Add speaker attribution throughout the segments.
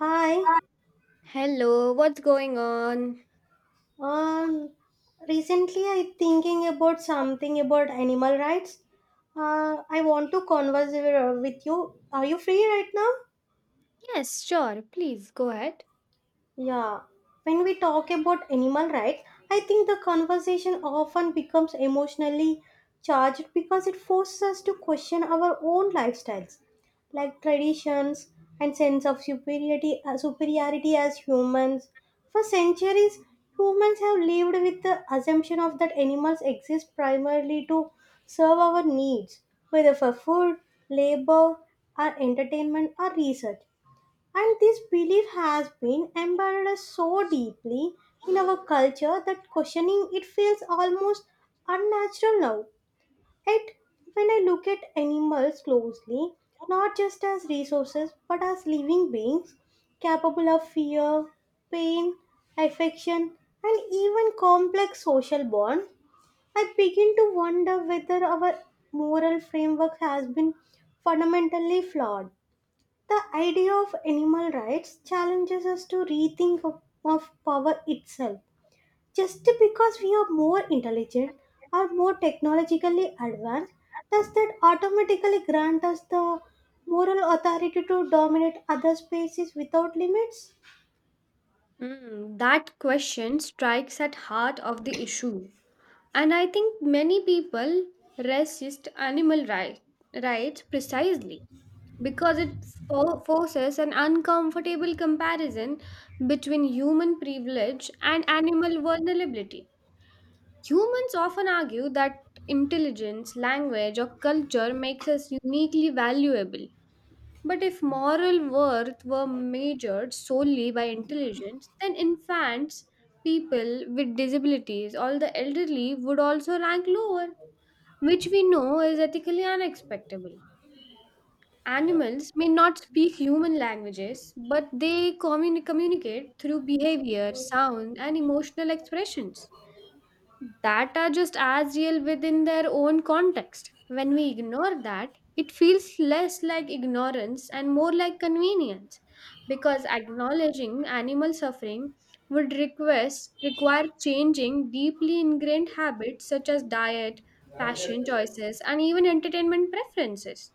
Speaker 1: Hi.
Speaker 2: Hello, what's going on?
Speaker 1: Um, Recently I thinking about something about animal rights. I want to converse with you. Are you free right now?
Speaker 2: Yes, sure. Please go ahead.
Speaker 1: Yeah, when we talk about animal rights, I think the conversation often becomes emotionally charged because it forces us to question our own lifestyles, like traditions and sense of superiority, superiority as humans. For centuries, humans have lived with the assumption of that animals exist primarily to serve our needs, whether for food, labor, or entertainment or research. And this belief has been embedded so deeply in our culture that questioning it feels almost unnatural now. Yet, when I look at animals closely, not just as resources but as living beings capable of fear, pain, affection, and even complex social bonds, I begin to wonder whether our moral framework has been fundamentally flawed. The idea of animal rights challenges us to rethink of power itself. Just because we are more intelligent or more technologically advanced, does that automatically grant us the moral authority to dominate other spaces without limits?
Speaker 2: That question strikes at heart of the issue, and I think many people resist rights precisely because it forces an uncomfortable comparison between human privilege and animal vulnerability. Humans often argue that intelligence, language, or culture makes us uniquely valuable, but if moral worth were measured solely by intelligence, then infants, people with disabilities, all the elderly would also rank lower, which we know is ethically unacceptable. Animals may not speak human languages, but they communicate through behavior, sound, and emotional expressions that are just as real within their own context. When we ignore that, it feels less like ignorance and more like convenience because acknowledging animal suffering would request require changing deeply ingrained habits such as diet, fashion choices and even entertainment preferences.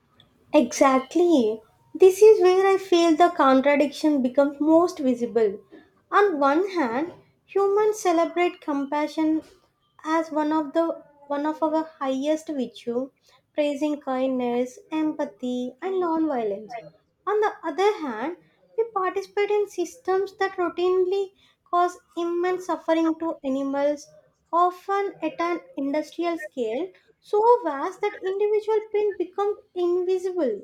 Speaker 1: Exactly. This is where I feel the contradiction becomes most visible. On one hand, humans celebrate compassion as one of our highest virtue, praising kindness, empathy, and nonviolence. On the other hand, we participate in systems that routinely cause immense suffering to animals, often at an industrial scale so vast that individual pain becomes invisible.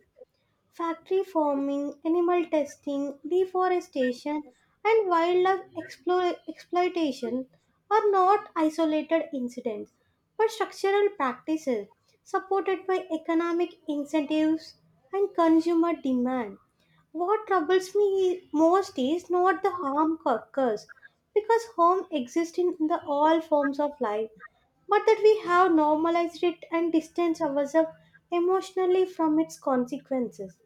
Speaker 1: Factory farming, animal testing, deforestation, and wildlife exploitation are not isolated incidents but structural practices supported by economic incentives and consumer demand. What troubles me most is not the harm occurs because harm exists in the all forms of life, but that we have normalized it and distanced ourselves emotionally from its consequences.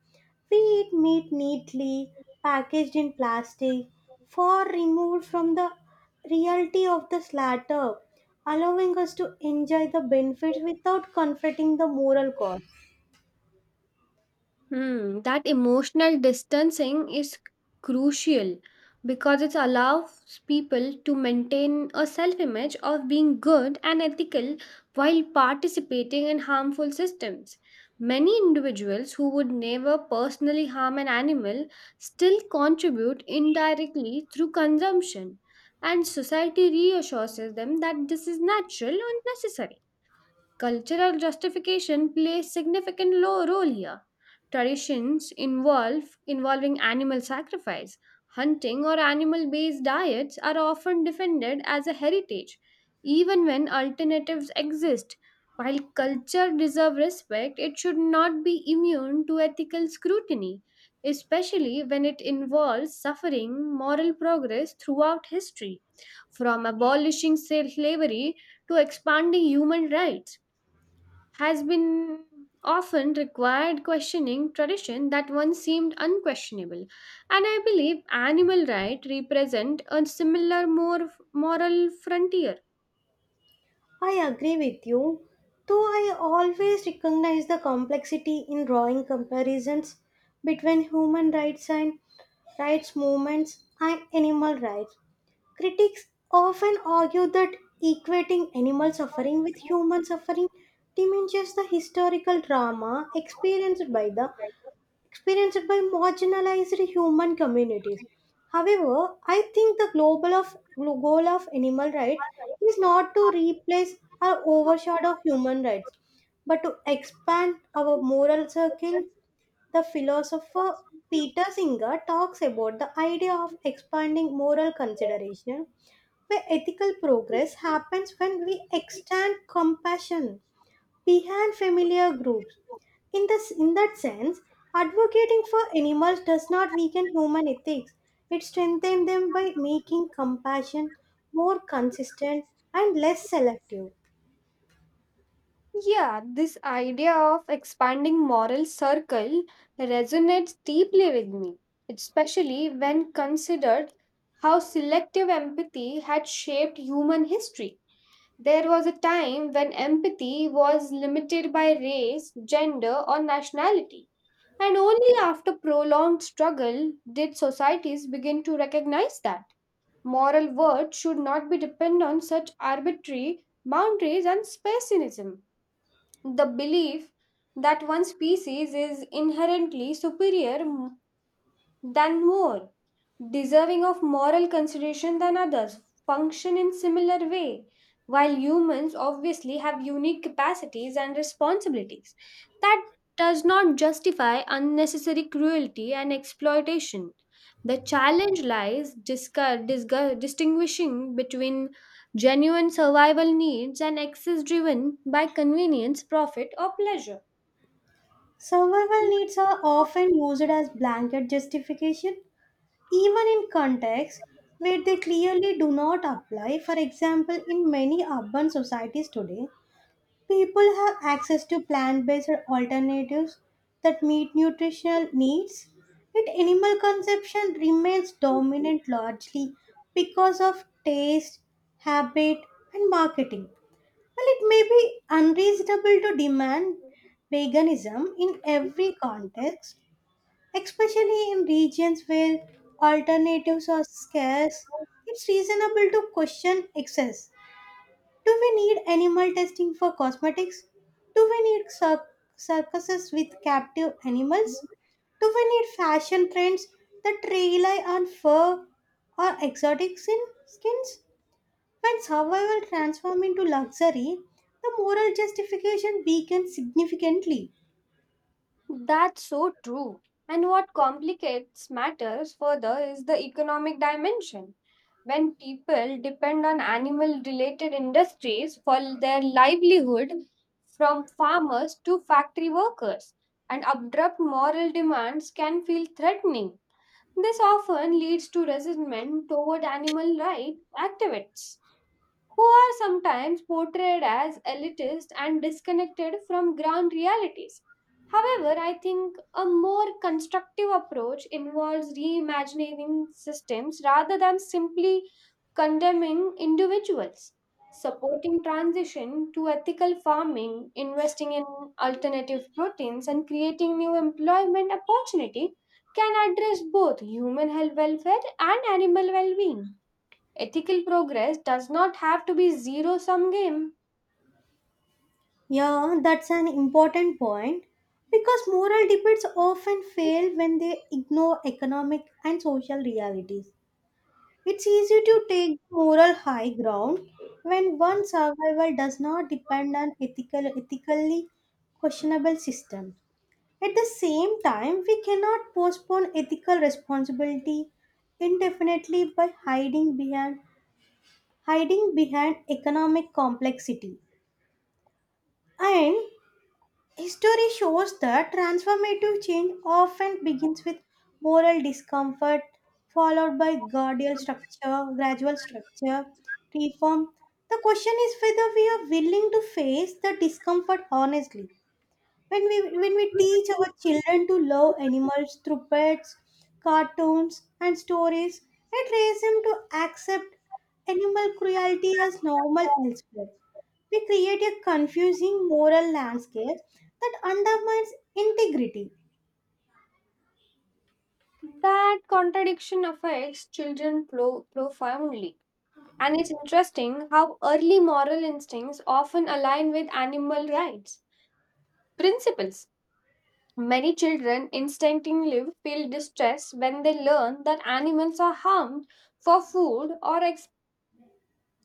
Speaker 1: We eat meat neatly, packaged in plastic, far removed from the reality of the slaughter, allowing us to enjoy the benefits without confronting the moral cost.
Speaker 2: That emotional distancing is crucial because it allows people to maintain a self image of being good and ethical while participating in harmful systems. Many individuals who would never personally harm an animal still contribute indirectly through consumption, and society reassures them that this is natural and necessary. Cultural justification plays significant role here. Traditions involve involving animal sacrifice, hunting or animal-based diets are often defended as a heritage even when alternatives exist. While culture deserves respect, it should not be immune to ethical scrutiny, especially when it involves suffering moral progress throughout history, from abolishing slavery to expanding human rights has been often required questioning tradition that once seemed unquestionable, and I believe animal rights represent a similar more moral frontier.
Speaker 1: I agree with you, though I always recognize the complexity in drawing comparisons between human rights and rights movements and animal rights. Critics often argue that equating animal suffering with human suffering diminishes the historical drama experienced by the experienced by marginalized human communities. However, I think the global of goal of animal rights is not to replace or overshadow human rights, but to expand our moral circle. The philosopher Peter Singer talks about the idea of expanding moral consideration. The ethical progress happens when we extend compassion behind familiar groups. In that sense, advocating for animals does not weaken human ethics, it strengthens them by making compassion more consistent and less selective.
Speaker 2: Yeah, this idea of expanding moral circle resonates deeply with me, especially when considered how selective empathy had shaped human history. There was a time when empathy was limited by race, gender, or nationality, and only after prolonged struggle did societies begin to recognize that. Moral worth should not be dependent on such arbitrary boundaries and speciesism. The belief that one species is inherently superior than more, deserving of moral consideration than others, function in similar way, while humans obviously have unique capacities and responsibilities. That does not justify unnecessary cruelty and exploitation. The challenge lies distinguishing between genuine survival needs and excess driven by convenience, profit, or pleasure.
Speaker 1: Survival needs are often used as blanket justification, even in contexts where they clearly do not apply. For example, in many urban societies today, people have access to plant based alternatives that meet nutritional needs, yet, animal consumption remains dominant largely because of taste, habit, and marketing. While it may be unreasonable to demand veganism in every context, especially in regions where alternatives are scarce, it's reasonable to question excess. Do we need animal testing for cosmetics? Do we need circuses with captive animals? Do we need fashion trends that rely on fur or exotic sin skins? When survival transforms into luxury, the moral justification weakens significantly.
Speaker 2: That's so true. And what complicates matters further is the economic dimension. When people depend on animal related industries for their livelihood, from farmers to factory workers, and abrupt moral demands can feel threatening. This often leads to resentment toward animal rights activists who are sometimes portrayed as elitist and disconnected from ground realities. However, I think a more constructive approach involves reimagining systems rather than simply condemning individuals, supporting transition to ethical farming, investing in alternative proteins, and creating new employment opportunity can address both human health welfare and animal well-being. Ethical progress does not have to be zero sum game.
Speaker 1: Yeah, that's an important point because moral debates often fail when they ignore economic and social realities. It's easy to take moral high ground when one survival does not depend on ethically questionable systems. At the same time, we cannot postpone ethical responsibility indefinitely by hiding behind economic complexity. And history shows that transformative change often begins with moral discomfort, followed by gradual structure, reform. The question is whether we are willing to face the discomfort honestly when we when we teach our children to love animals through pets, cartoons and stories. It raises them to accept animal cruelty as normal elsewhere. We create a confusing moral landscape that undermines integrity.
Speaker 2: That contradiction affects children profoundly. And it's interesting how early moral instincts often align with animal rights principles. Many children instinctively feel distress when they learn that animals are harmed for food or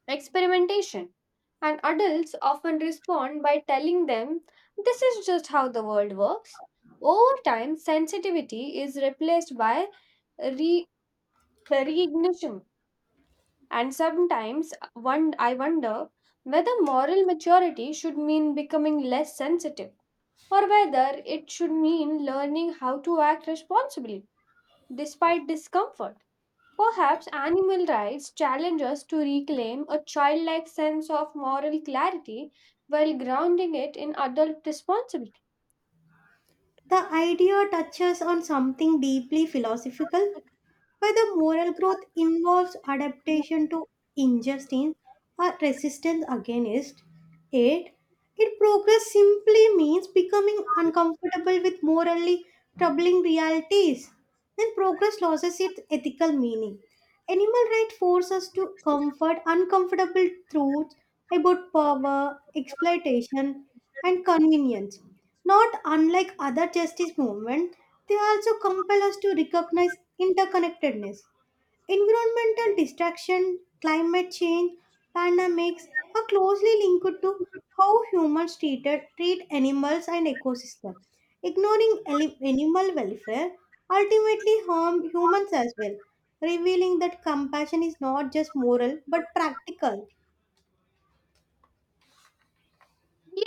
Speaker 2: experimentation. And adults often respond by telling them, "This is just how the world works." Over time, sensitivity is replaced by re- reignition. And sometimes one, I wonder whether moral maturity should mean becoming less sensitive or whether it should mean learning how to act responsibly despite discomfort. Perhaps animal rights challenge us to reclaim a childlike sense of moral clarity while grounding it in adult responsibility.
Speaker 1: The idea touches on something deeply philosophical, whether moral growth involves adaptation to injustice or resistance against it. It progress simply means becoming uncomfortable with morally troubling realities. Then progress loses its ethical meaning. Animal rights force us to comfort uncomfortable truths about power, exploitation, and convenience. Not unlike other justice movements, they also compel us to recognize interconnectedness. Environmental destruction, climate change, pandemics are closely linked to how humans treat animals and ecosystem. Ignoring animal welfare ultimately harm humans as well, revealing that compassion is not just moral but practical.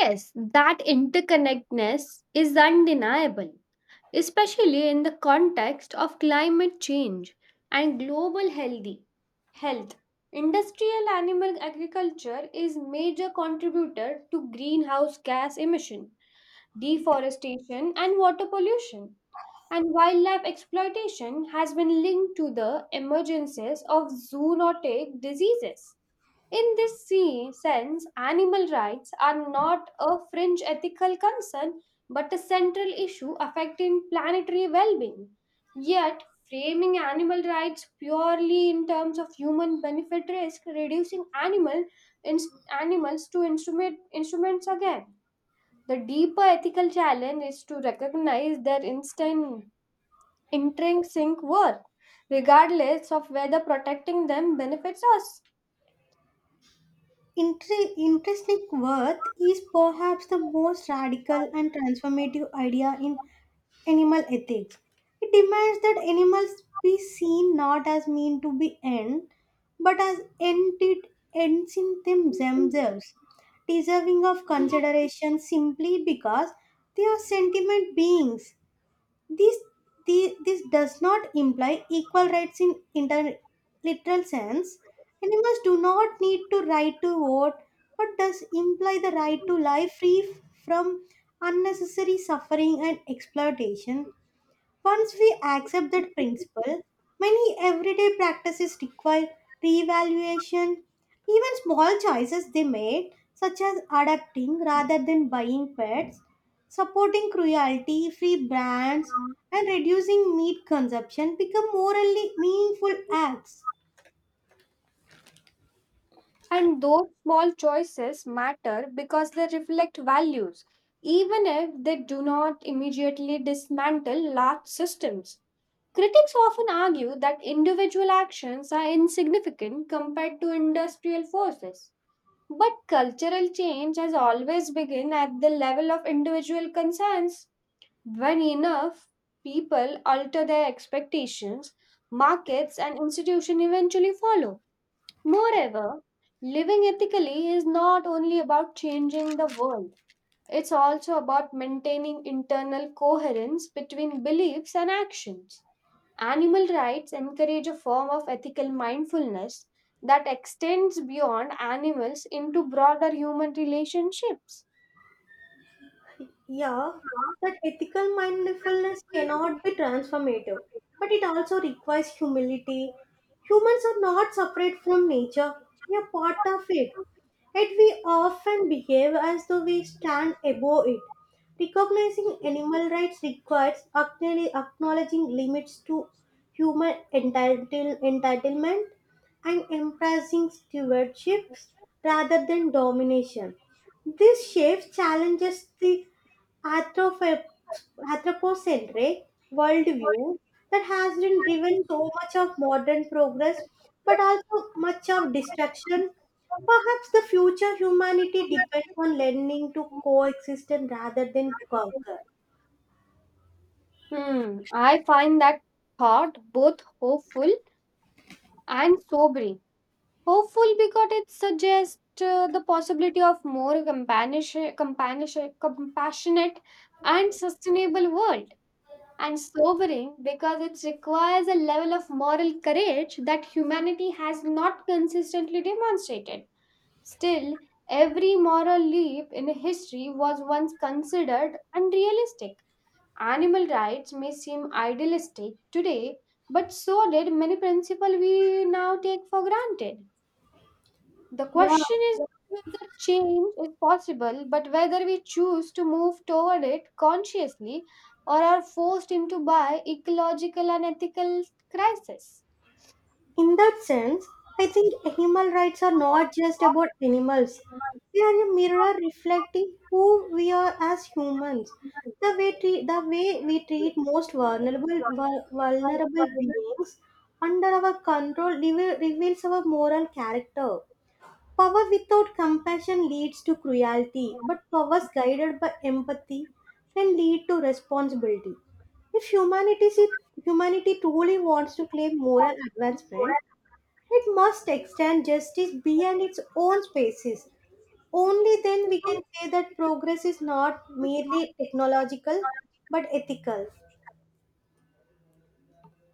Speaker 2: Yes, that interconnectedness is undeniable, especially in the context of climate change and global health. Industrial animal agriculture is major contributor to greenhouse gas emission, deforestation and water pollution and wildlife exploitation has been linked to the emergences of zoonotic diseases. In this sense, animal rights are not a fringe ethical concern but a central issue affecting planetary well being. Yet, framing animal rights purely in terms of human benefit risk, reducing animal, animals to instruments again the deeper ethical challenge is to recognize their instant intrinsic worth, regardless of whether protecting them benefits us.
Speaker 1: Intrinsic worth is perhaps the most radical and transformative idea in animal ethics. It demands that animals be seen not as mean to be end, but as ended ends in them themselves, deserving of consideration simply because they are sentient beings. This, this does not imply equal rights in interliteral sense. Animals do not need to right to vote, but does imply the right to life free from unnecessary suffering and exploitation. Once we accept that principle, many everyday practices require reevaluation. Even small choices they made, such as adapting rather than buying pets, supporting cruelty free brands, and reducing meat consumption, become morally meaningful acts.
Speaker 2: And those small choices matter because they reflect values, even if they do not immediately dismantle large systems. Critics often argue that individual actions are insignificant compared to industrial forces. But cultural change has always begun at the level of individual concerns. When enough people alter their expectations, markets and institutions eventually follow. Moreover, living ethically is not only about changing the world, it's also about maintaining internal coherence between beliefs and actions. Animal rights encourage a form of ethical mindfulness that extends beyond animals into broader human relationships.
Speaker 1: Yeah, that ethical mindfulness cannot be transformative, but it also requires humility. Humans are not separate from nature, we are part of it. Yet we often behave as though we stand above it. Recognizing animal rights requires acknowledging limits to human entitlement and embracing stewardship rather than domination. This shift challenges the anthropo- anthropocentric worldview that has been driven so much of modern progress but also much of destruction. Perhaps the future humanity depends on learning to coexist and rather than conquer.
Speaker 2: I find that thought both hopeful and sobering. Hopeful because it suggests the possibility of more compassionate and sustainable world. And sobering because it requires a level of moral courage that humanity has not consistently demonstrated. Still, every moral leap in history was once considered unrealistic. Animal rights may seem idealistic today, but so did many principles we now take for granted. The
Speaker 1: Yeah,
Speaker 2: question is not whether change is possible, but whether we choose to move toward it consciously or are forced into by ecological and ethical crisis.
Speaker 1: in that sense, I think animal rights are not just about animals. They are a mirror reflecting who we are as humans. The way we treat most vulnerable beings under our control reveals our moral character. Power without compassion leads to cruelty, but powers guided by empathy can lead to responsibility. If humanity truly wants to claim moral advancement, it must extend justice beyond its own spaces. Only then we can say that progress is not merely technological but ethical.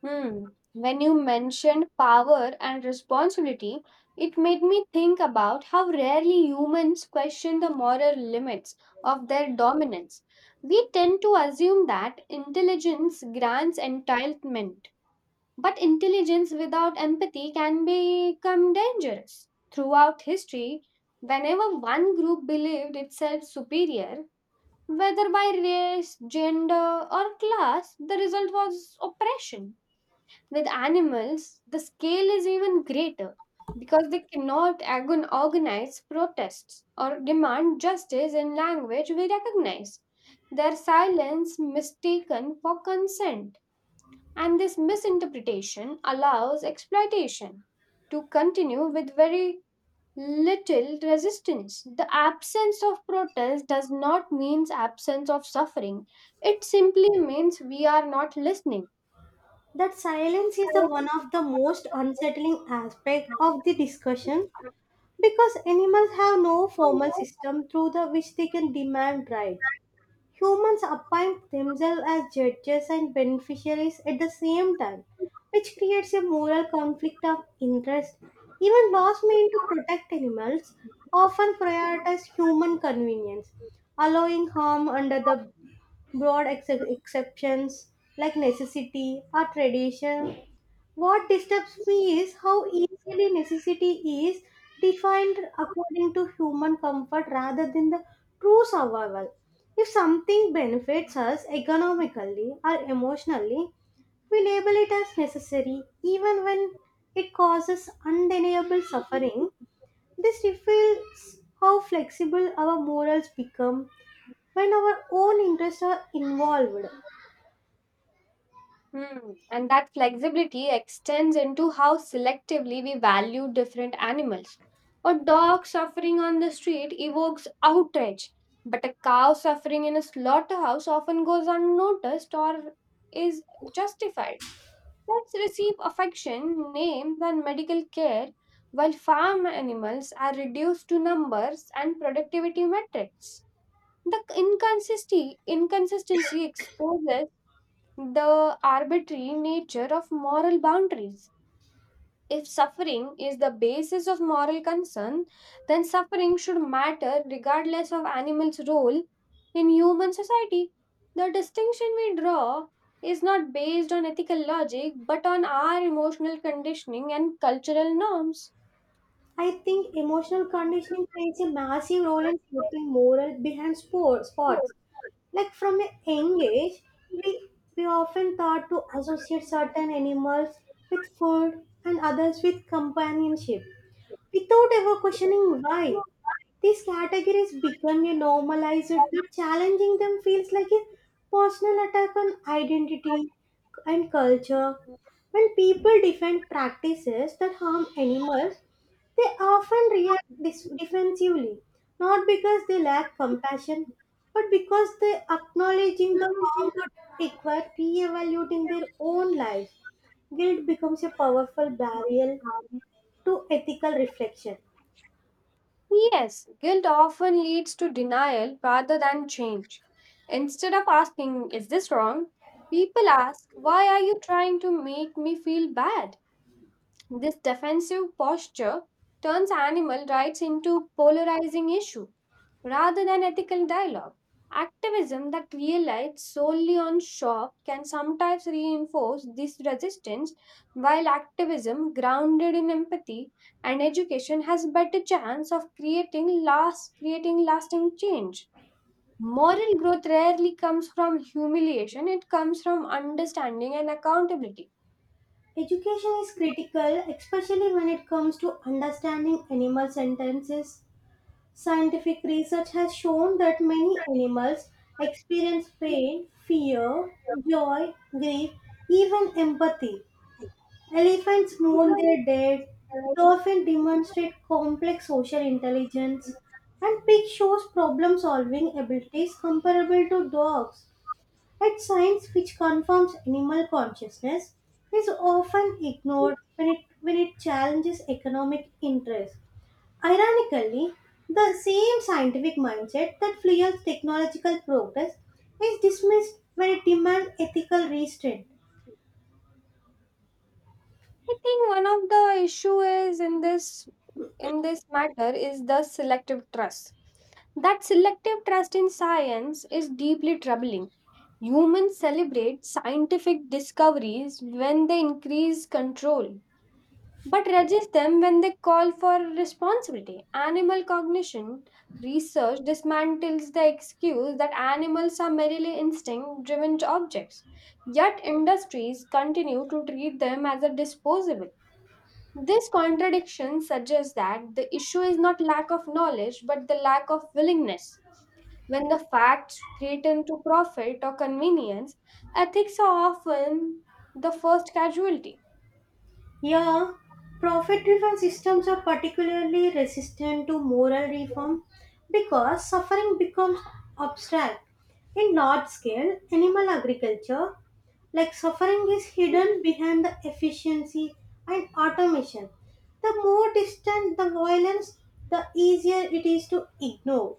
Speaker 2: Hmm. When you mentioned power and responsibility, it made me think about how rarely humans question the moral limits of their dominance. We tend to assume that intelligence grants entitlement, but intelligence without empathy can become dangerous. Throughout history, whenever one group believed itself superior, whether by race, gender, or class, the result was oppression. With animals, the scale is even greater because they cannot organize protests or demand justice in language we recognize. Their silence mistaken for consent and this misinterpretation allows exploitation to continue with very little resistance. The absence of protest does not mean absence of suffering, it simply means we are not listening.
Speaker 1: That silence is the one of the most unsettling aspects of the discussion. Because animals have no formal system through the which they can demand rights. Humans appoint themselves as judges and beneficiaries at the same time, which creates a moral conflict of interest. Even laws meant to protect animals often prioritize human convenience, allowing harm under the broad exceptions like necessity or tradition. What disturbs me is how easily necessity is defined according to human comfort rather than the true survival. If something benefits us economically or emotionally, we label it as necessary even when it causes undeniable suffering. This reveals how flexible our morals become when our own interests are involved.
Speaker 2: Hmm. And that flexibility extends into how selectively we value different animals. A dog suffering on the street evokes outrage, but a cow suffering in a slaughterhouse often goes unnoticed or is justified. Pets receive affection, names, and medical care, while farm animals are reduced to numbers and productivity metrics. The inconsistency exposes the arbitrary nature of moral boundaries. If suffering is the basis of moral concern, then suffering should matter regardless of animals' role in human society. The distinction we draw is not based on ethical logic but on our emotional conditioning and cultural norms.
Speaker 1: I think emotional conditioning plays a massive role in shaping moral behind sports. Like from a young age, we, we often thought to associate certain animals with food and others with companionship without ever questioning why. These categories become a normalized that challenging them feels like a personal attack on identity and culture. When people defend practices that harm animals, they often react defensively, not because they lack compassion, but because they acknowledging the harm would require re-evaluating their own lives. Guilt becomes a powerful barrier to ethical reflection.
Speaker 2: Yes, guilt often leads to denial rather than change. Instead of asking, "Is this wrong?" people ask, "Why are you trying to make me feel bad?" This defensive posture turns animal rights into a polarizing issue rather than ethical dialogue. Activism that relies solely on shock can sometimes reinforce this resistance, while activism grounded in empathy and education has better chance of creating lasting change. Moral growth rarely comes from humiliation, it comes from understanding and accountability.
Speaker 1: Education is critical, especially when it comes to understanding animal sentences. Scientific research has shown that many animals experience pain, fear, joy, grief, even empathy. Elephants mourn their dead, dolphins demonstrate complex social intelligence, and pig shows problem solving abilities comparable to dogs. Yet science which confirms animal consciousness is often ignored when it challenges economic interests. Ironically, the same scientific mindset that fuels technological progress is dismissed when it demands ethical restraint.
Speaker 2: I think one of the issue is in this matter is the selective trust. That selective trust in science is deeply troubling. Humans celebrate scientific discoveries when they increase control, but resist them when they call for responsibility. Animal cognition research dismantles the excuse that animals are merely instinct driven objects, yet, industries continue to treat them as a disposable. This contradiction suggests that the issue is not lack of knowledge but the lack of willingness. When the facts threaten to profit or convenience, ethics are often the first casualty.
Speaker 1: Yeah, profit driven systems are particularly resistant to moral reform because suffering becomes abstract. In large scale animal agriculture, like suffering is hidden behind the efficiency and automation. The more distant the violence, the easier it is to ignore.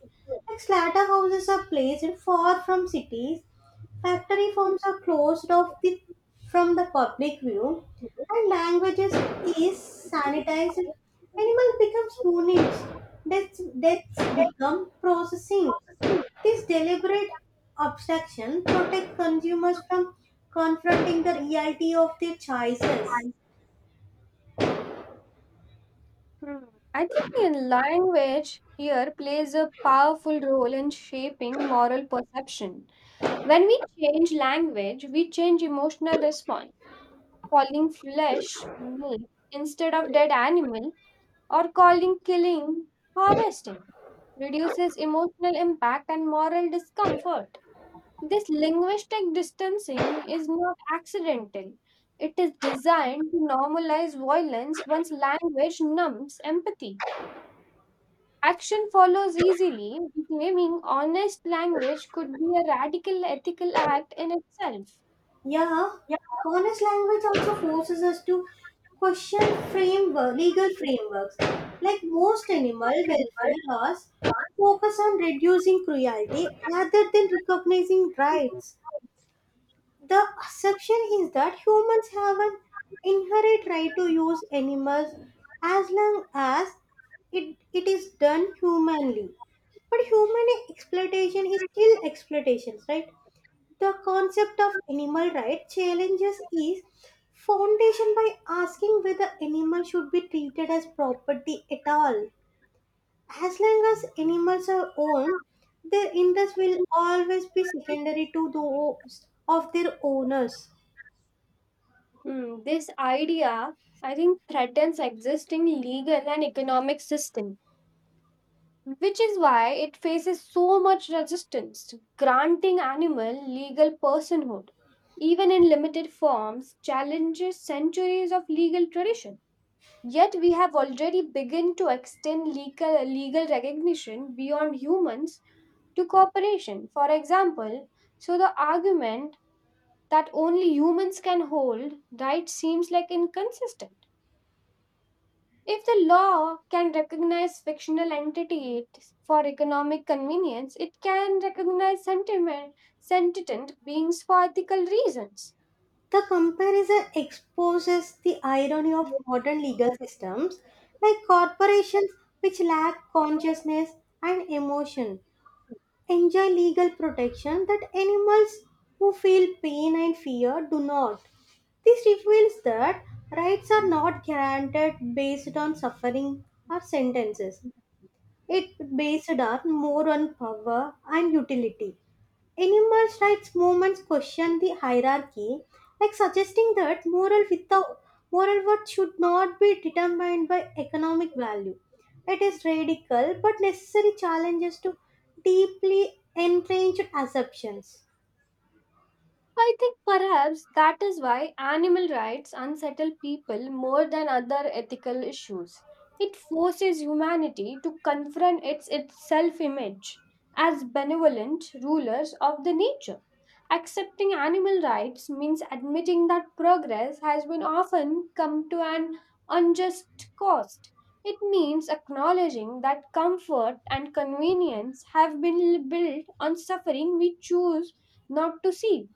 Speaker 1: Like slaughterhouses are placed far from cities, factory farms are closed from the public view, and languages is sanitized. Animal becomes units, deaths become processing. This deliberate obstruction protects consumers from confronting the reality of their choices.
Speaker 2: I think the language here plays a powerful role in shaping moral perception. When we change language, we change emotional response. Calling flesh meat instead of dead animal or calling killing harvesting reduces emotional impact and moral discomfort. This linguistic distancing is not accidental. It is designed to normalize violence once language numbs empathy. Action follows easily. Reclaiming honest language could be a radical ethical act in itself.
Speaker 1: Yeah, honest language also forces us to question legal frameworks. Like most animal welfare laws, focus on reducing cruelty rather than recognizing rights. The assumption is that humans have an inherent right to use animals as long as it is done humanly. But human exploitation is still exploitation, right? The concept of animal right challenges is foundation by asking whether animals should be treated as property at all. As long as animals are owned, their interests will always be secondary to those of their owners.
Speaker 2: This idea, I think, threatens existing legal and economic systems which is why it faces so much resistance. Granting animal legal personhood, even in limited forms, challenges centuries of legal tradition. Yet we have already begun to extend legal recognition beyond humans to cooperation. For example, so the argument that only humans can hold rights seems like inconsistent if the law can recognize fictional entities for economic convenience, it can recognize sentient beings for ethical reasons.
Speaker 1: The comparison exposes the irony of modern legal systems like corporations which lack consciousness and emotion enjoy legal protection that animals who feel pain and fear do not. This reveals that rights are not granted based on suffering or sentences. It based on more on power and utility. Animal rights movements question the hierarchy, like suggesting that moral worth should not be determined by economic value. It is radical but necessary challenges to deeply entrenched assumptions.
Speaker 2: I think perhaps that is why animal rights unsettle people more than other ethical issues. It forces humanity to confront its self image as benevolent rulers of the nature. Accepting animal rights means admitting that progress has been often come to an unjust cost. It means acknowledging that comfort and convenience have been built on suffering we choose not to see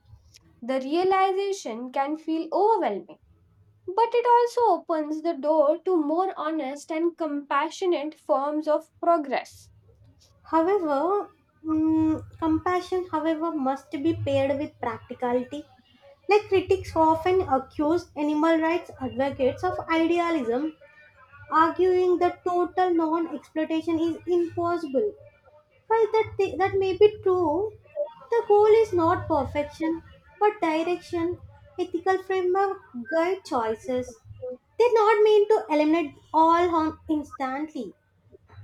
Speaker 2: the realization can feel overwhelming, but it also opens the door to more honest and compassionate forms of progress.
Speaker 1: However, compassion, however, must be paired with practicality. Like critics often accuse animal rights advocates of idealism, arguing that total non exploitation is impossible. Well, that may be true. The goal is not perfection, but direction, ethical framework, guide choices. They not mean to eliminate all harm instantly.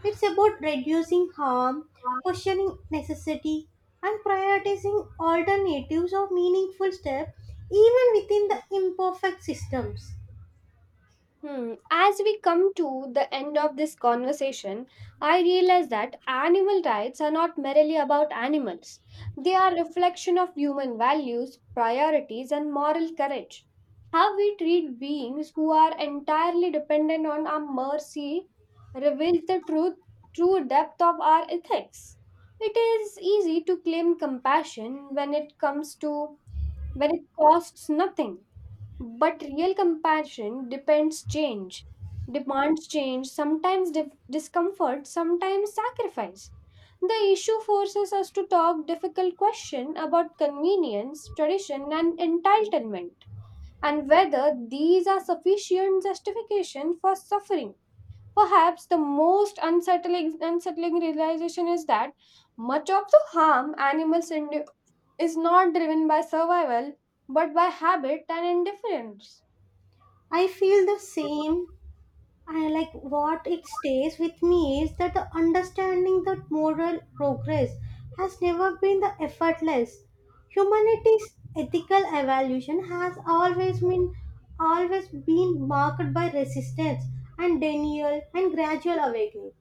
Speaker 1: It's about reducing harm, questioning necessity, and prioritizing alternatives or meaningful steps even within the imperfect systems.
Speaker 2: Hmm. As we come to the end of this conversation, I realize that animal rights are not merely about animals. They are a reflection of human values, priorities, and moral courage. How we treat beings who are entirely dependent on our mercy reveals true depth of our ethics. It is easy to claim compassion when it costs nothing but real compassion depends change, demands change, sometimes discomfort, sometimes sacrifice. The issue forces us to talk difficult question about convenience, tradition, and entitlement, and whether these are sufficient justification for suffering. Perhaps the most unsettling realization is that much of the harm animals endure is not driven by survival but by habit and indifference.
Speaker 1: I feel the same. I like what it stays with me is that the understanding that moral progress has never been the effortless. Humanity's ethical evolution has always been marked by resistance and denial and gradual awakening.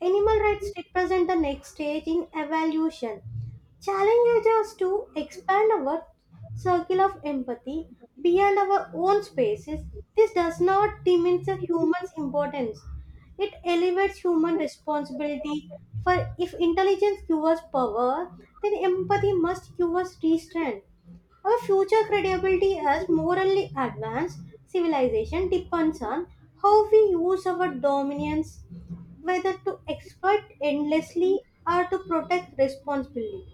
Speaker 1: Animal rights represent the next stage in evolution, challenges us to expand our circle of empathy beyond our own spaces, this does not diminish a human's importance. It elevates human responsibility. For if intelligence gives us power, then empathy must give us restraint. Our future credibility as morally advanced civilization depends on how we use our dominance, whether to exploit endlessly or to protect responsibly.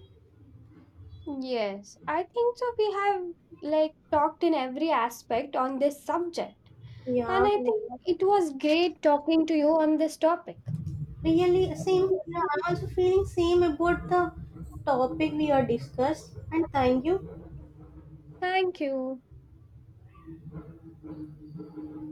Speaker 2: Yes, I think so. We have like talked in every aspect on this subject,
Speaker 1: Yeah.
Speaker 2: and I think it was great talking to you on this topic.
Speaker 1: Really, same. Yeah, I'm also feeling same about the topic we are discussed. And thank you.
Speaker 2: Thank you.